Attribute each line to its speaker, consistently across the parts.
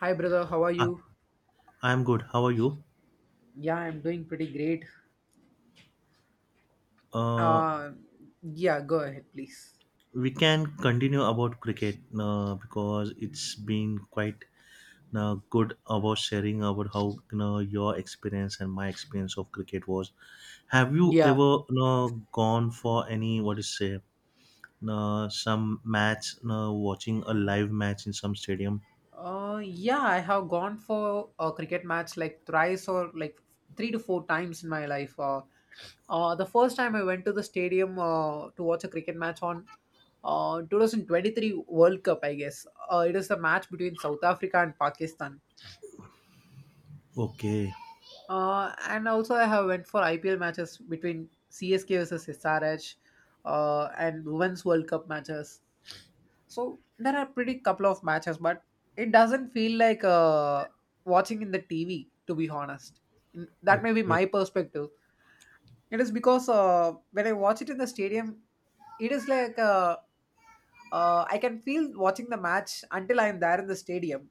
Speaker 1: Hi, brother. How are
Speaker 2: Ah,
Speaker 1: you?
Speaker 2: I'm good. How are you?
Speaker 1: Yeah, I'm doing pretty great.
Speaker 2: Uh,
Speaker 1: Uh, yeah, go ahead, please.
Speaker 2: we can continue about cricket because it's been quite good about sharing about how your experience and my experience of cricket was. Have you ever
Speaker 1: Yeah.
Speaker 2: gone for any what is say some match watching a live match in some stadium?
Speaker 1: Yeah, I have gone for a cricket match like thrice or like three to four times in my life. The first time I went to the stadium to watch a cricket match on 2023 World Cup, I guess. It is the match between South Africa and Pakistan.
Speaker 2: Okay,
Speaker 1: And also, I have went for IPL matches between CSK versus SRH and Women's World Cup matches. So there are pretty couple of matches, but it doesn't feel like watching in the TV. To be honest, Mm, that may be
Speaker 2: okay,
Speaker 1: my perspective. It is because when I watch it in the stadium, it is like a I can feel watching the match until I'm there in the stadium.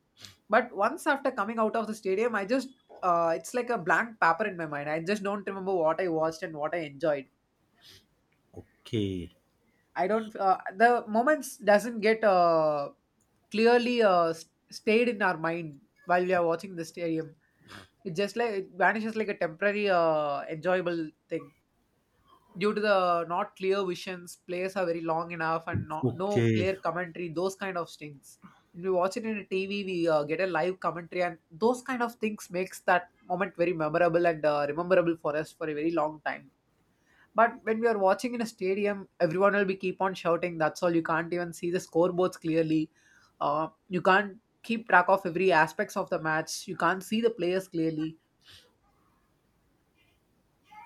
Speaker 1: But once after coming out of the stadium, I just it's like a blank paper in my mind. I just don't remember what I watched and what I enjoyed.
Speaker 2: okay,
Speaker 1: I don't The moments doesn't get clearly stayed in our mind while we are watching the stadium. It just like it vanishes like a temporary enjoyable thing, due to the not clear visions, plays are very long enough and no
Speaker 2: okay,
Speaker 1: clear commentary, those kind of things. When we watch it in a TV, we get a live commentary, and those kind of things makes that moment very memorable and rememberable for us for a very long time. But when we are watching in a stadium, everyone will be keep on shouting. That's all. You can't even see the scoreboards clearly. You can't keep track of every aspects of the match. You can't see the players clearly.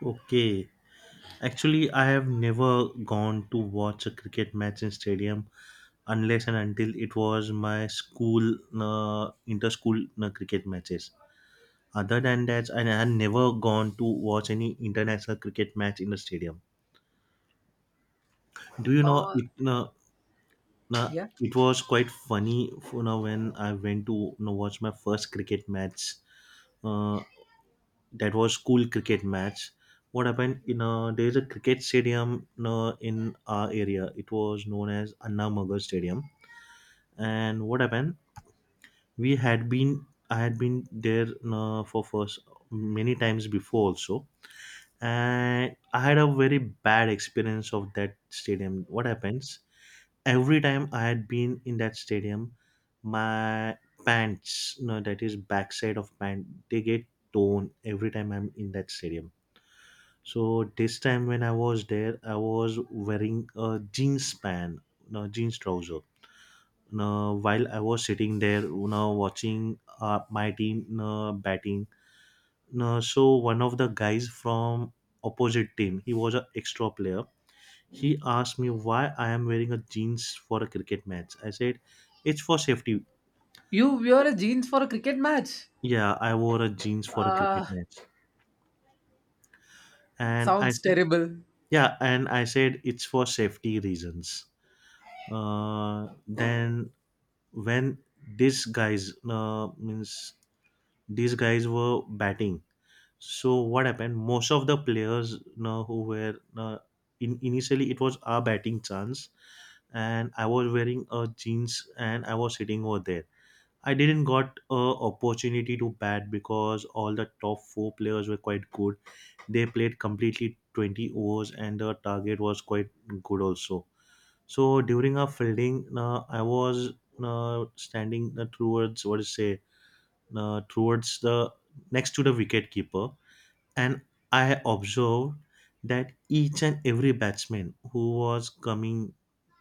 Speaker 2: okay. Actually, I have never gone to watch a cricket match in stadium unless and until it was my school inter-school cricket matches. Other than that, I had never gone to watch any international cricket match in a stadium. Do you know
Speaker 1: Uh,
Speaker 2: it? Uh,
Speaker 1: yeah.
Speaker 2: it was quite funny when I went to watch my first cricket match. Uh, that was school cricket match. What happened? You know, there is a cricket stadium in our area. It was known as Anna Magar Stadium. And what happened? We had been I had been there for first many times before also, and I had a very bad experience of that stadium. What happens every time I had been in that stadium, my pants, no, that is backside of pant, they get torn every time I'm in that stadium. So this time when I was there, I was wearing a jeans span, no, jeans trouser. Now, while I was sitting there, you know, watching my team, you know, batting, now so one of the guys from opposite team, he was an extra player. He asked me why I am wearing a jeans for a cricket match. I said, "It's for safety."
Speaker 1: You wear a jeans for a cricket match.
Speaker 2: Yeah, I wore a jeans for a
Speaker 1: Uh,
Speaker 2: cricket match, and I
Speaker 1: Sounds
Speaker 2: said,
Speaker 1: terrible.
Speaker 2: "Yeah," and I said, "It's for safety reasons." Then when these guys means these guys were batting. So what happened? Most of the players, you know, who were in initially it was our batting chance, and I was wearing a jeans and I was sitting over there. I didn't got a opportunity to bat because all the top four players were quite good. They played completely 20 overs and the target was quite good also. So during our fielding, I was standing towards what is say towards the next to the wicket keeper, and I observed that each and every batsman who was coming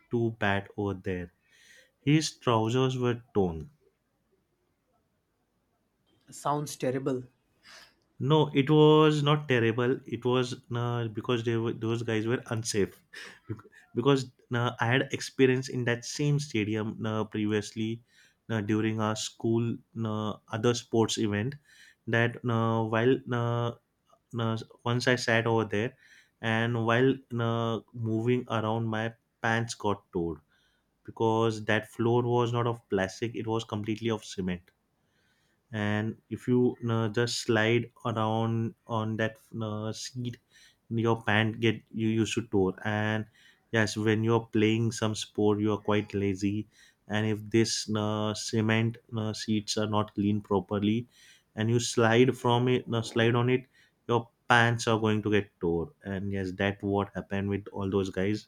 Speaker 2: to bat over there, his trousers were torn.
Speaker 1: Sounds terrible.
Speaker 2: No, it was not terrible. It was because they were, those guys were unsafe. Bec- Because I had experience in that same stadium previously during our school other sports event, that while uh, uh, once I sat over there, and while moving around, my pants got tore because that floor was not of plastic; it was completely of cement. And if you just slide around on that seat, your pant get you used to tore. And yes, when you're playing some sport you are quite lazy, and if this cement seats are not cleaned properly and you slide from it, slide on it, your pants are going to get tore. And yes, that what happened with all those guys.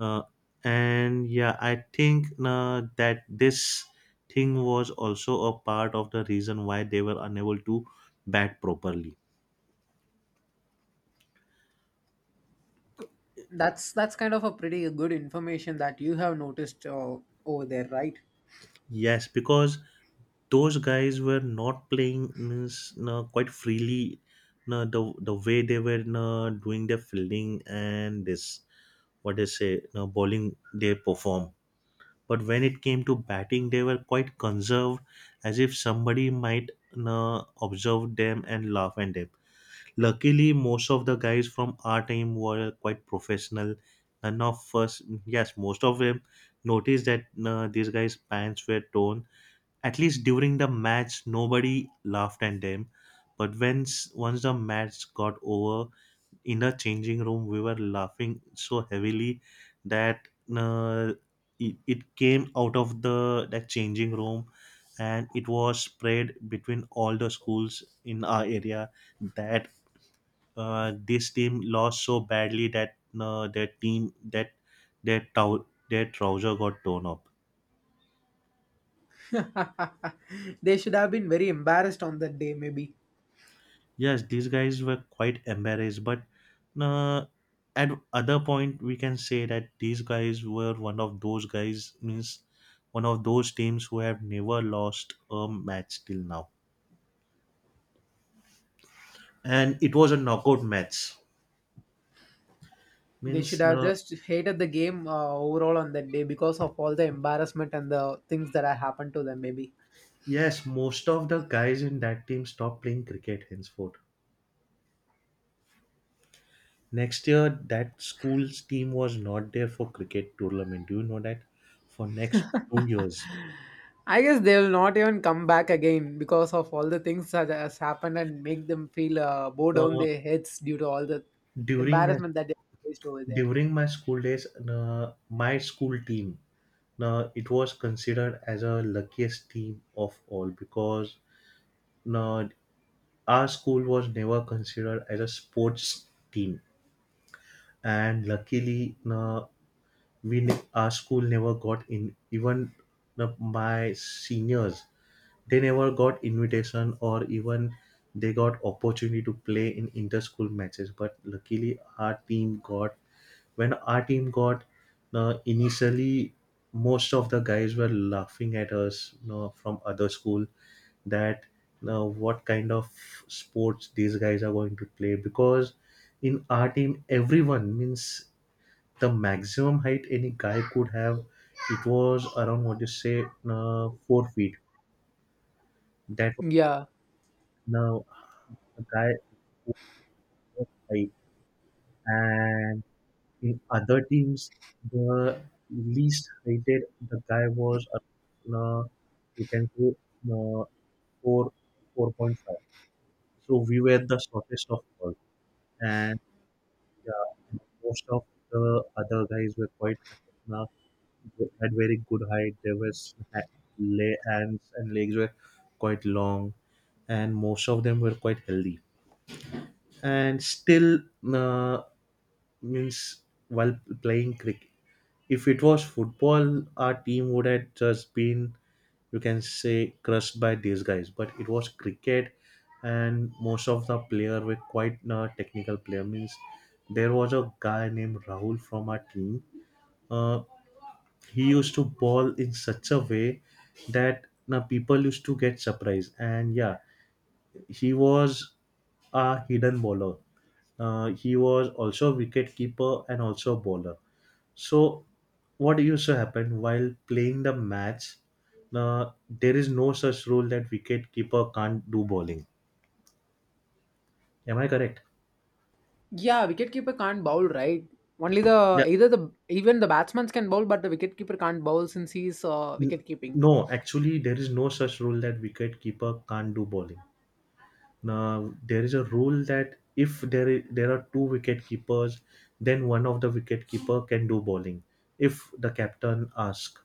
Speaker 2: uh, and yeah, I think that this thing was also a part of the reason why they were unable to bat properly.
Speaker 1: That's kind of a pretty good information that you have noticed over there, right?
Speaker 2: Yes, because those guys were not playing means no, quite freely, no, the way they were no, doing their fielding and this what they say no, bowling they perform. But when it came to batting they were quite conserved, as if somebody might no, observe them and laugh at them. Luckily most of the guys from our team were quite professional, and of first yes most of them noticed that no, these guys pants were torn. At least during the match, nobody laughed at them. But once the match got over, in the changing room, we were laughing so heavily that uh, it came out of the that changing room, and it was spread between all the schools in our area that this team lost so badly that their team that their their trouser got torn up.
Speaker 1: They should have been very embarrassed on that day. Maybe
Speaker 2: Yes, these guys were quite embarrassed, but uh, at other point we can say that these guys were one of those guys means one of those teams who have never lost a match till now, and it was a knockout match.
Speaker 1: they should
Speaker 2: Means
Speaker 1: have just hated the game overall on that day because of all the embarrassment and the things that have happened to them. Maybe
Speaker 2: Yes, most of the guys in that team stopped playing cricket henceforth. Next year that school's team was not there for cricket tournament, do you know that, for next 2 years.
Speaker 1: I guess they will not even come back again because of all the things that has happened and make them feel bow down
Speaker 2: uh,
Speaker 1: their heads due to all the
Speaker 2: during
Speaker 1: embarrassment that they faced over there.
Speaker 2: During my school days, my school team, it was considered as a luckiest team of all because uh, our school was never considered as a sports team. And luckily our school never got in even my seniors, they never got invitation or even they got opportunity to play in inter-school matches. But luckily our team got, when our team got, initially most of the guys were laughing at us, you know, from other school, that, you know, what kind of sports these guys are going to play, because in our team everyone means the maximum height any guy could have, it was around what you say, 4 feet. That was,
Speaker 1: Yeah.
Speaker 2: now, a guy who was high. And in other teams, the least heighted the guy was, you can say, uh, four 4.5. So we were the shortest of all, and yeah, most of the other guys were quite high. They had very good height. There was lay hands and legs were quite long, and most of them were quite healthy. And still, uh, means while playing cricket, if it was football, our team would have just been, you can say, crushed by these guys. But it was cricket, and most of the player were quite technical player. Means there was a guy named Rahul from our team. Uh, he used to ball in such a way that now people used to get surprised. And yeah, he was a hidden bowler. He was also a wicket keeper and also a bowler. So what used to happen while playing the match, uh, there is no such rule that wicket keeper can't do bowling, am I correct?
Speaker 1: Yeah, wicketkeeper can't bowl, right? Only the
Speaker 2: Yeah,
Speaker 1: either the even the batsmen can bowl, but the wicketkeeper can't bowl since he's
Speaker 2: N-
Speaker 1: wicket keeping.
Speaker 2: no, actually there is no such rule that wicket keeper can't do bowling. Now there is a rule that if there are two wicket keepers, then one of the wicket keeper can do bowling if the captain asks.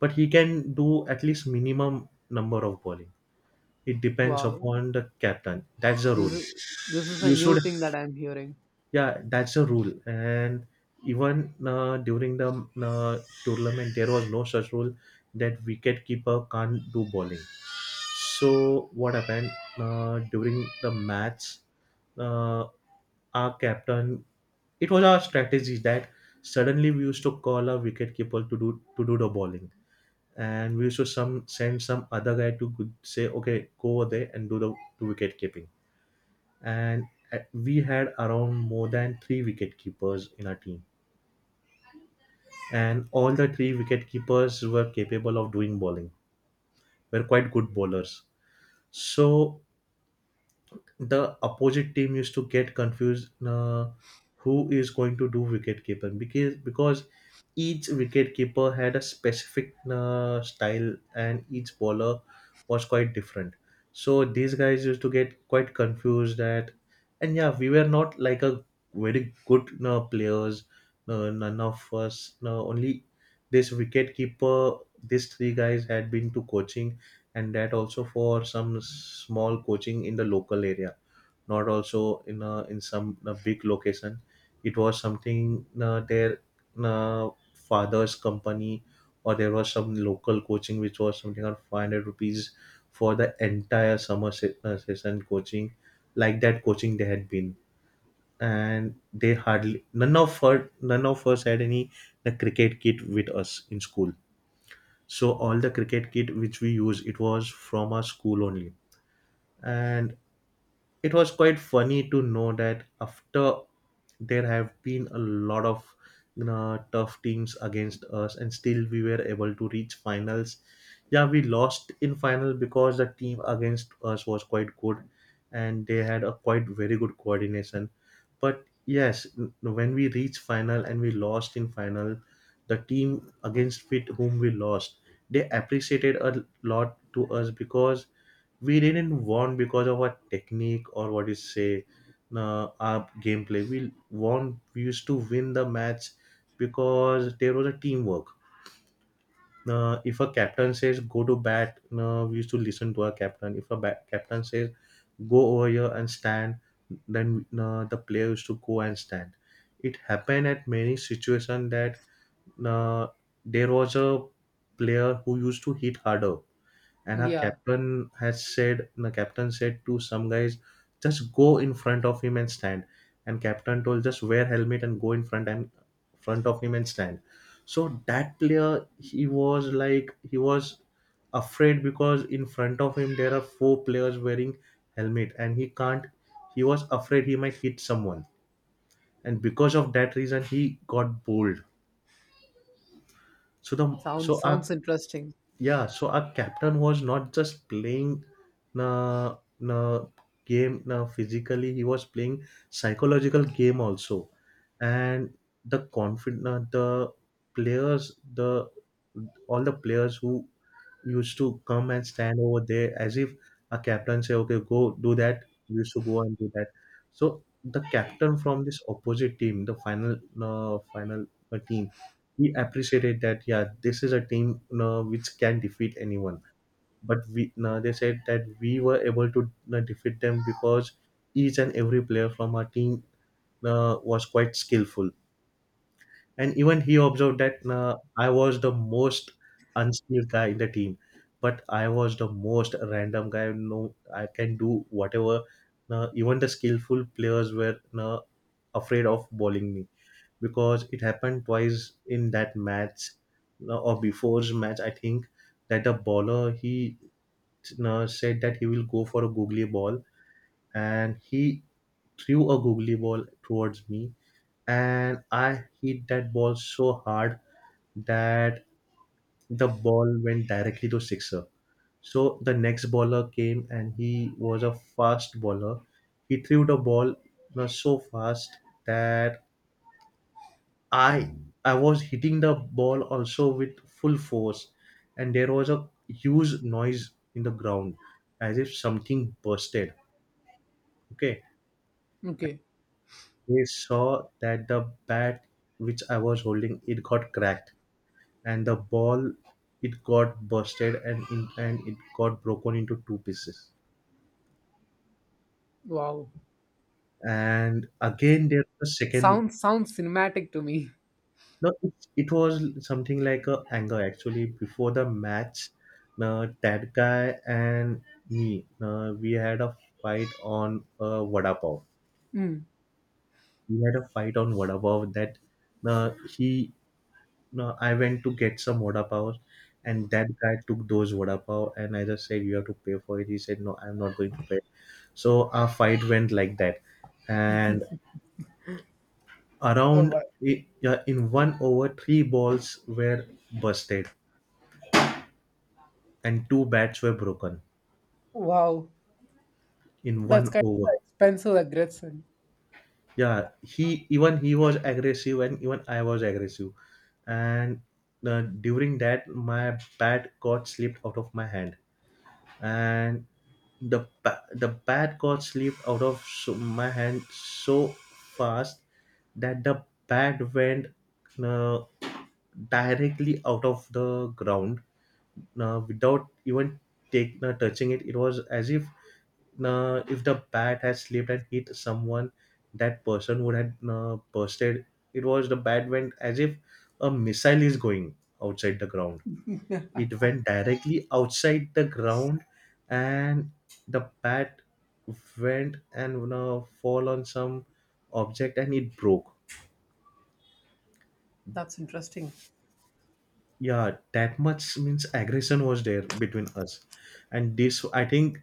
Speaker 2: But he can do at least minimum number of bowling. It depends
Speaker 1: Wow,
Speaker 2: upon the captain. That's the
Speaker 1: this
Speaker 2: rule.
Speaker 1: is this is a
Speaker 2: You
Speaker 1: new
Speaker 2: should.
Speaker 1: thing that I'm hearing.
Speaker 2: Yeah, that's the rule. And even during the uh, tournament, there was no such rule that wicket keeper can't do bowling. So what happened during the match? uh, our captain, it was our strategy that suddenly we used to call our wicketkeeper to do the bowling, and we used to some send some other guy to say okay go over there and do the do wicket keeping. And we had around more than three wicket keepers in our team, and all the three wicket keepers were capable of doing bowling, were quite good bowlers. So the opposite team used to get confused, who is going to do wicket keeping, because each wicket keeper had a specific style, and each bowler was quite different. So these guys used to get quite confused at. And yeah, we were not like a very good players. None of us Only this wicket keeper, these three guys had been to coaching, and that also for some small coaching in the local area, not also in in some big location. It was something their father's company, or there was some local coaching which was something around 500 rupees for the entire summer session coaching, like that coaching they had been. And they hardly none of us had any the cricket kit with us in school, so all the cricket kit which we use it was from our school only. And it was quite funny to know that after there have been a lot of, you know, tough teams against us, and still we were able to reach finals. Yeah, we lost in final because the team against us was quite good, and they had a quite very good coordination. But yes, when we reached final and we lost in final, the team against with whom we lost, they appreciated a lot to us, because we didn't want because of our technique or what you say, our gameplay we won, we used to win the match, because there was a teamwork. If a captain says go to bat, we used to listen to our captain. If a captain Says go over here and stand. Then the player used to go and stand. It happened at many situations that uh, there was a player who used to hit harder, and our
Speaker 1: Yeah,
Speaker 2: captain has said the captain said to some guys, just go in front of him and stand. And captain told just wear helmet and go in front and front of him and stand. So that player, he was like, he was afraid because in front of him there are four players wearing helmet, and he can't, he was afraid he might hit someone, and because of that reason he got bowled. so the
Speaker 1: sounds
Speaker 2: so our
Speaker 1: sounds interesting.
Speaker 2: yeah, so our captain was not just playing na na game na physically, he was playing psychological game also. And the confident, the players, the all the players who used to come and stand over there, as if a captain say, okay, go do that. We used to go and do that. So the captain from this opposite team, the final final team, he appreciated that. Yeah, this is a team which can defeat anyone. But we they said that we were able to defeat them because each and every player from our team was quite skillful. And even he observed that I was the most unskilled guy in the team, but I was the most random guy. No, I can do whatever. Even the skillful players were afraid of bowling me, because it happened twice in that match or before's match. I think that the bowler he said that he will go for a googly ball, and he threw a googly ball towards me, and I hit that ball so hard that the ball went directly to sixer. So the next bowler came and he was a fast bowler. He threw the ball so fast that I I was hitting the ball also with full force, and there was a huge noise in the ground as if something bursted. Okay.
Speaker 1: Okay,
Speaker 2: They saw that the bat which I was holding it got cracked, and the ball it got busted and and it got broken into two pieces.
Speaker 1: wow,
Speaker 2: And again, there's a second.
Speaker 1: sounds cinematic to me.
Speaker 2: No, it was something like a anger actually. Before the match, that guy and me, we had a fight on vada pav.
Speaker 1: Hmm.
Speaker 2: We had a fight on vada pav that uh, he No, I went to get some vada pav, and that guy took those vada pav, and I just said, "You have to pay for it." He said, "No, I'm not going to pay." So our fight went like that, and
Speaker 1: Oh,
Speaker 2: around
Speaker 1: wa-
Speaker 2: yeah, in one over, three balls were busted, and two bats were broken
Speaker 1: wow,
Speaker 2: in
Speaker 1: that's
Speaker 2: one
Speaker 1: kind of
Speaker 2: over.
Speaker 1: expensive aggression.
Speaker 2: Yeah, he was aggressive, and even I was aggressive, and during that, my bat got slipped out of my hand and the the bat got slipped out of my hand so fast that the bat went uh, directly out of the ground without even touching it. It was as if the bat had slipped and hit someone, that person would have bursted. It was the bat went as if a missile is going outside the ground. It went directly outside the ground, and the bat went and you know, fall on some object, and it broke.
Speaker 1: That's interesting.
Speaker 2: Yeah, that much means aggression was there between us. And this I think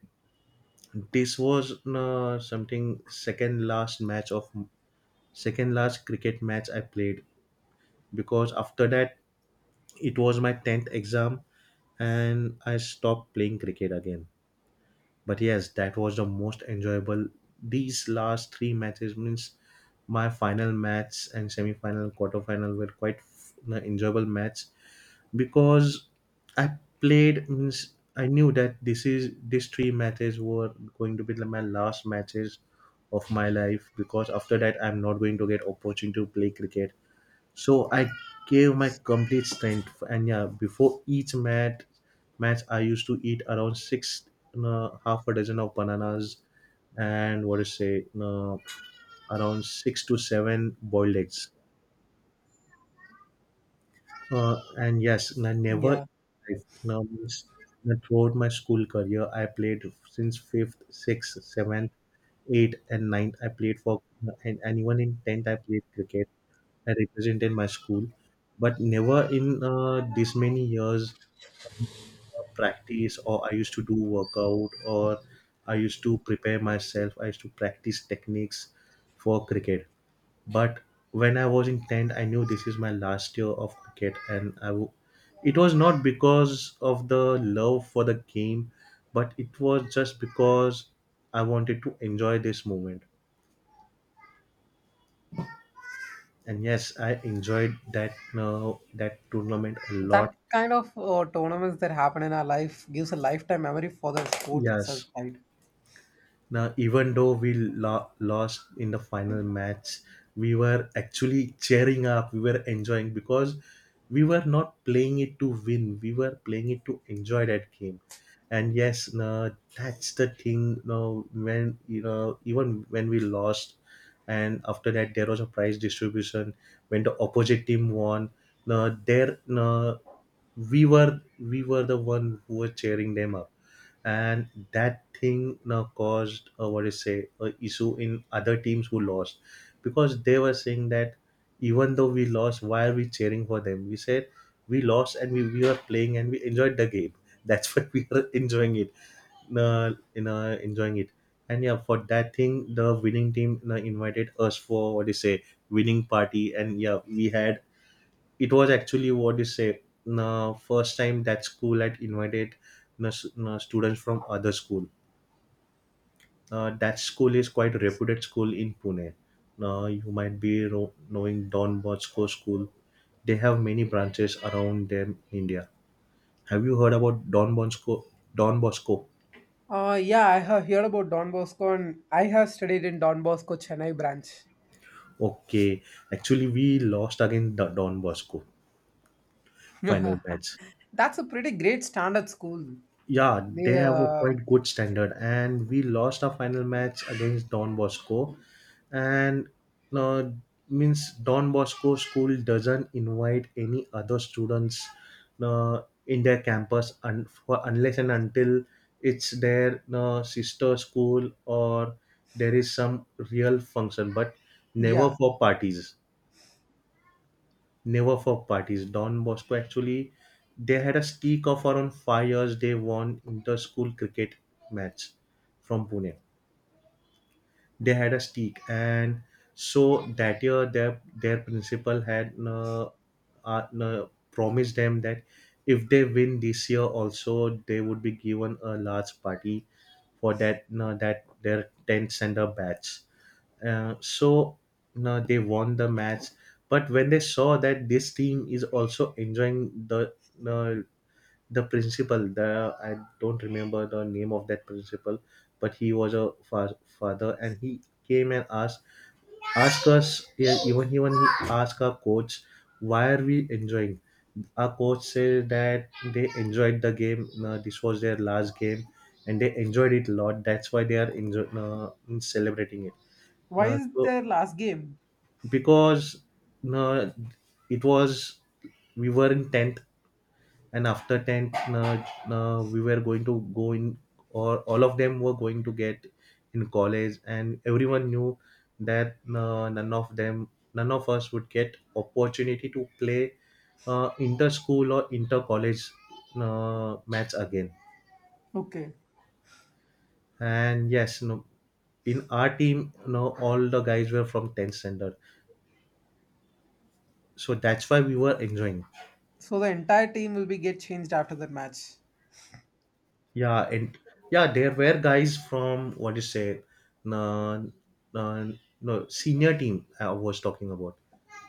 Speaker 2: this was something second last match of second last cricket match I played, because after that it was my tenth exam and I stopped playing cricket again. But yes, that was the most enjoyable. These last three matches means my final match and semi-final, quarter-final were quite enjoyable match, because I played means I knew that this is these three matches were going to be my last matches of my life, because after that I'm not going to get opportunity to play cricket. So I gave my complete strength, and yeah, before each match, I used to eat around six, half a dozen of bananas, and what to say, around six to seven boiled eggs. And yes, I never
Speaker 1: Yeah,
Speaker 2: now means that throughout my school career, I played since fifth, sixth, seventh, eighth, and ninth. I played for and even in tenth, I played cricket. I represented my school, but never in this many years um, practice, or I used to do workout, or I used to prepare myself. I used to practice techniques for cricket. But when I was in 10th, I knew this is my last year of cricket, and it was not because of the love for the game, but it was just because I wanted to enjoy this moment. And yes, I enjoyed that that tournament a lot.
Speaker 1: that kind of tournaments that happen in our life gives a lifetime memory for the sport itself,
Speaker 2: Yes.
Speaker 1: right?
Speaker 2: Now, even though we lost in the final match, we were actually cheering up. We were enjoying because we were not playing it to win. We were playing it to enjoy that game. And yes, no, that's the thing. No, when you know, even when we lost, and after that there was a prize distribution. When the opposite team won, no, there, no, we were the one who were cheering them up. And that thing now caused what do you say, a issue in other teams who lost, because they were saying that even though we lost, why are we cheering for them. We said we lost, and we were playing and we enjoyed the game that's what we were enjoying it, you know, enjoying it. And yeah, for that thing the winning team, you know, invited us for what do you say, winning party, and yeah we had, it was actually what you say the first time that school had invited the students from other school. That school is quite a reputed school in Pune. Now you might be knowing Don Bosco school, they have many branches around them in India. Have you heard about Don Bosco? Don Bosco?
Speaker 1: Yeah, I have heard about Don Bosco and I have studied in Don Bosco Chennai branch.
Speaker 2: Okay. Actually we lost against the Don Bosco final match.
Speaker 1: That's a pretty great standard school.
Speaker 2: Yeah,
Speaker 1: They,
Speaker 2: they have a quite good standard, and we lost our final match against Don Bosco, and uh, means Don Bosco school doesn't invite any other students in their campus unless and until it's their sister school or there is some real function, but never
Speaker 1: yeah.
Speaker 2: for parties, never for parties. Don Bosco actually, they had a streak of around 5 years. They won inter-school cricket match from Pune. They had a stick, and so that year their principal had promised them that if they win this year also, they would be given a large party for that that their 10th center batch. So no, they won the match. But when they saw that this team is also enjoying uh, the principal, the I don't remember the name of that principal, but he was a father, and he came and asked, asked us, yeah, even he asked our coach why are we enjoying. Our coach said that they enjoyed the game, this was their last game and they enjoyed it a lot, that's why they are celebrating it.
Speaker 1: Why is
Speaker 2: So
Speaker 1: their last game?
Speaker 2: because uh, it was we were in 10th, and after 10th we were going to go in, or all of them were going to get in college, and everyone knew that none of them, none of us would get opportunity to play inter school or inter college match again.
Speaker 1: Okay.
Speaker 2: And yes, no, in our team you all the guys were from 10th standard, so that's why we were enjoying.
Speaker 1: So the entire team will be get changed after that match.
Speaker 2: Yeah, and yeah, there were guys from what you say, no, no, no senior team. I was talking about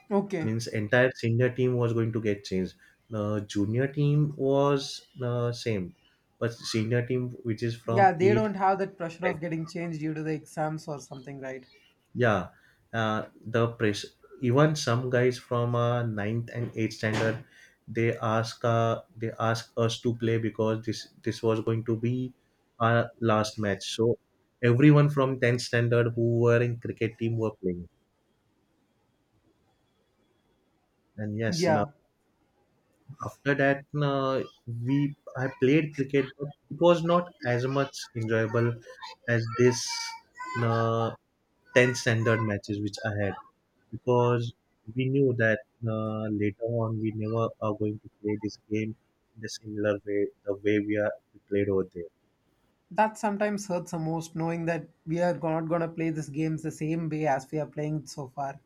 Speaker 1: Okay.
Speaker 2: means entire senior team was going to get changed. The junior team was the same, but senior team which is
Speaker 1: Yeah,
Speaker 2: from
Speaker 1: they don't
Speaker 2: eight,
Speaker 1: have that pressure
Speaker 2: like,
Speaker 1: of getting changed due to the exams or something, right?
Speaker 2: yeah, the press. Even some guys from ninth and eighth standard, they ask us to play because this was going to be our last match. So everyone from tenth standard who were in cricket team were playing. And yes, no,
Speaker 1: Yeah.
Speaker 2: after that, no, we I played cricket, but it was not as much enjoyable as this, no, tenth standard matches which I had. Because we knew that later on we never are going to play this game in the similar way the way we played over there.
Speaker 1: That sometimes hurts the most knowing that we are not gonna play these games the same way as we are playing so far.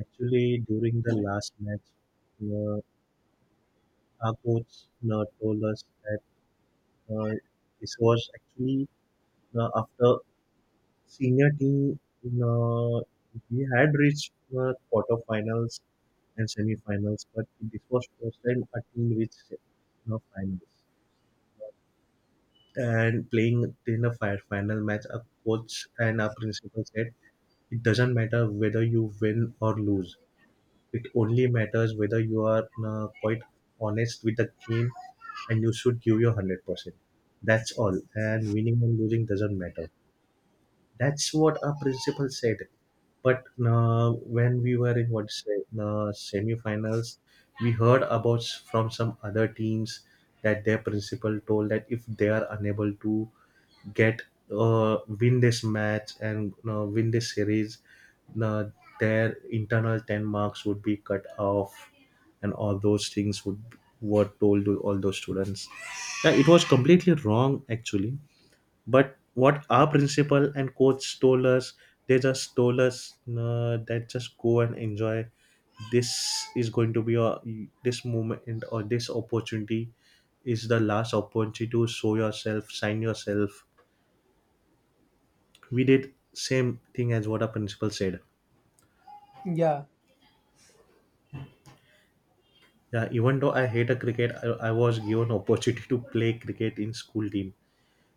Speaker 2: Actually, during the last match, uh, our coach told us that uh, this was actually after senior team uh, we had reached quarterfinals and semifinals, but this was first time a team reached finals. And playing in a final match, our coach and our principal said, it doesn't matter whether you win or lose. It only matters whether you are quite honest with the game and you should give your 100%. That's all. And winning and losing doesn't matter. That's what our principal said. But when we were in what say, semi-finals, we heard about from some other teams that their principal told that if they are unable to get win this match and win this series, uh, their internal ten marks would be cut off, and all those things would were told to all those students. Yeah, it was completely wrong actually, but what our principal and coach told us, they just told us that just go and enjoy. This is going to be a this moment or this opportunity is the last opportunity to show yourself, sign yourself. We did same thing as what our principal said.
Speaker 1: Yeah.
Speaker 2: Yeah, even though I hate a cricket, I was given opportunity to play cricket in school team.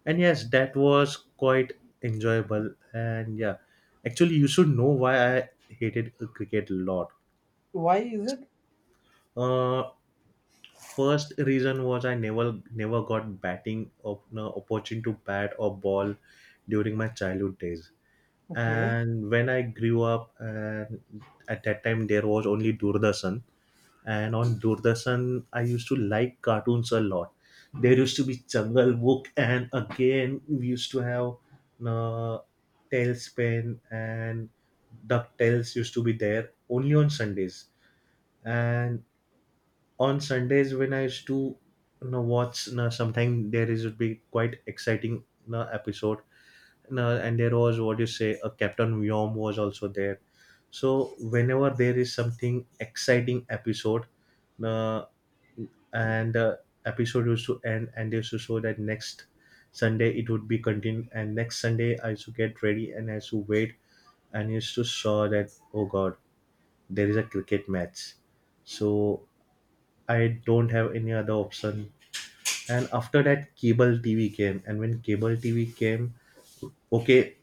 Speaker 2: And yes, that was quite enjoyable. And yeah, actually, you should know why I hated cricket a lot.
Speaker 1: Why is it?
Speaker 2: Uh, First reason was I never got batting op- no, opportunity to bat or ball during my childhood days.
Speaker 1: Okay.
Speaker 2: And when I grew up, and at that time there was only Doordarshan, and on Doordarshan, I used to like cartoons a lot. There used to be Jungle Book, and again we used to have uh, Tailspin and DuckTales used to be there only on Sundays. And on Sundays, when I used to watch, sometimes there is would be quite exciting episode. You know, and there was what you say, a Captain Yom was also there. So whenever there is something exciting episode, uh, and the episode used to end and they used to show that next Sunday it would be continued, and next Sunday I used to get ready and I used to wait and used to saw that, oh god, there is a cricket match. So I don't have any other option. And after that cable TV came, and when cable TV came, okay,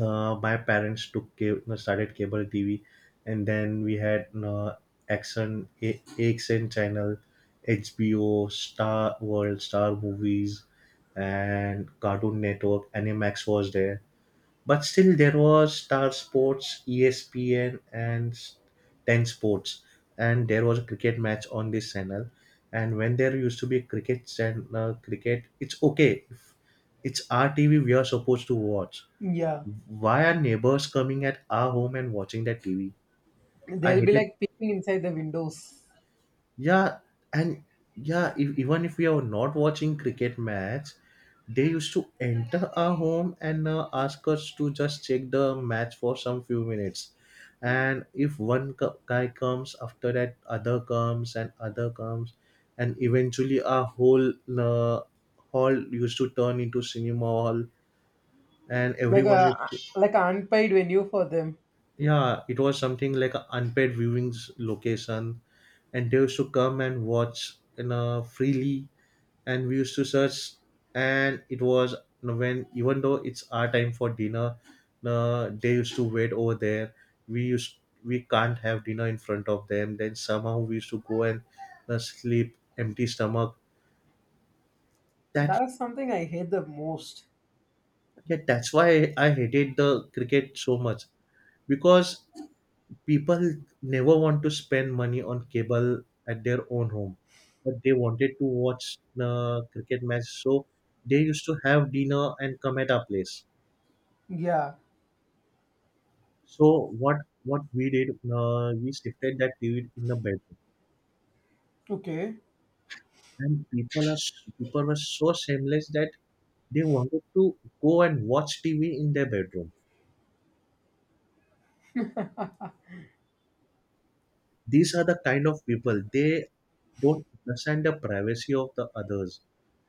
Speaker 2: my parents took cable, started cable TV, and then we had Action, AXN channel, HBO, Star World, Star Movies, and Cartoon Network. Animax was there, but still there was Star Sports, ESPN, and Ten Sports, and there was a cricket match on this channel. And when there used to be a cricket channel, cricket, it's okay. If it's our TV, we are supposed to watch.
Speaker 1: Yeah,
Speaker 2: Why are neighbors coming at our home and watching that TV? I
Speaker 1: they'll be
Speaker 2: hate it.
Speaker 1: like peeping inside the windows,
Speaker 2: Yeah, and yeah, if, even if we are not watching cricket match, they used to enter our home and ask us to just check the match for some few minutes. And if one guy comes, after that other comes, and eventually our whole uh, hall used to turn into cinema hall, and
Speaker 1: like
Speaker 2: everyone used
Speaker 1: a
Speaker 2: to,
Speaker 1: like an unpaid venue for them.
Speaker 2: yeah, it was something like a unpaid viewings location, and they used to come and watch, you know, freely. And we used to search, and it was, you know, when even though it's our time for dinner, you know, they used to wait over there. We used, we can't have dinner in front of them, then somehow we used to go and, you know, sleep empty stomach. That,
Speaker 1: That's something I hate the most.
Speaker 2: yeah, that's why I hated the cricket so much, because people never want to spend money on cable at their own home, but they wanted to watch the cricket match, so they used to have dinner and come at our place.
Speaker 1: Yeah.
Speaker 2: So what what we did, we shifted that TV in the bedroom,
Speaker 1: Okay.
Speaker 2: and people were so shameless that they wanted to go and watch TV in their bedroom. These are the kind of people, they don't understand the privacy of the others.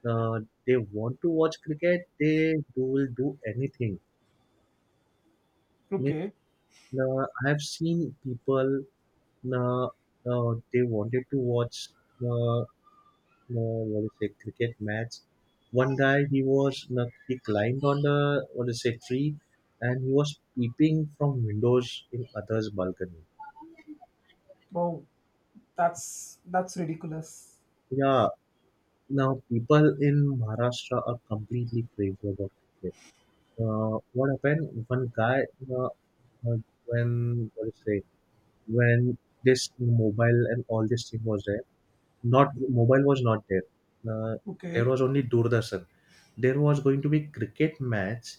Speaker 2: uh, they want to watch cricket, they do will do anything.
Speaker 1: Okay.
Speaker 2: Mean- I have seen people, uh, they wanted to watch, uh, what do you say, cricket match. One guy, he was he climbed on the, what do you say, tree, and he was peeping from windows in others balcony.
Speaker 1: Wow. That's ridiculous.
Speaker 2: Yeah. Now, people in Maharashtra are completely crazy about cricket. What happened? One guy, uh, uh, when what do you say? When this mobile and all this thing was there, not mobile, was not there. There
Speaker 1: Okay.
Speaker 2: was only Doordarshan. There was going to be cricket match.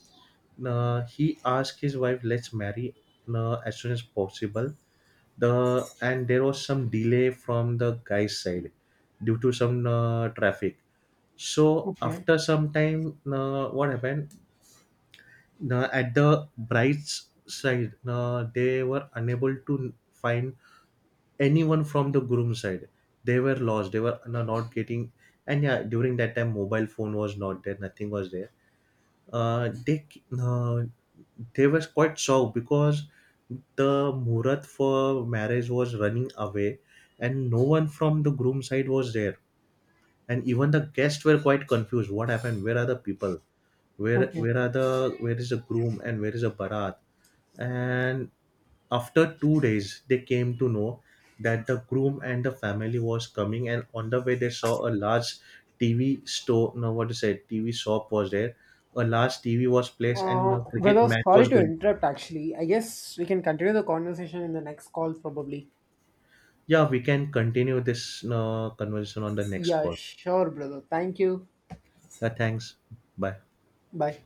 Speaker 2: He asked his wife, "Let's marry as soon as possible." the And there was some delay from the guy's side due to some traffic. So
Speaker 1: Okay.
Speaker 2: after some time, what happened? At the bride's side, they were unable to find anyone from the groom side. They were lost, they were not getting. And yeah, during that time mobile phone was not there, nothing was there. They, uh, they was quite shocked because the murat for marriage was running away, and no one from the groom side was there, and even the guests were quite confused. What happened? Where are the people?
Speaker 1: Okay.
Speaker 2: Where is the groom and where is the barat? And after 2 days they came to know that the groom and the family was coming, and on the way they saw a large tv store no what to say, TV shop was there. A large TV was placed and a cricket
Speaker 1: Brother,
Speaker 2: match was
Speaker 1: sorry to
Speaker 2: going.
Speaker 1: interrupt. Actually, I guess we can continue the conversation in the next call, probably.
Speaker 2: Yeah, we can continue this conversation on the next
Speaker 1: Yeah.
Speaker 2: call.
Speaker 1: Sure, brother. Thank you.
Speaker 2: Yeah, thanks. Bye.
Speaker 1: Bye.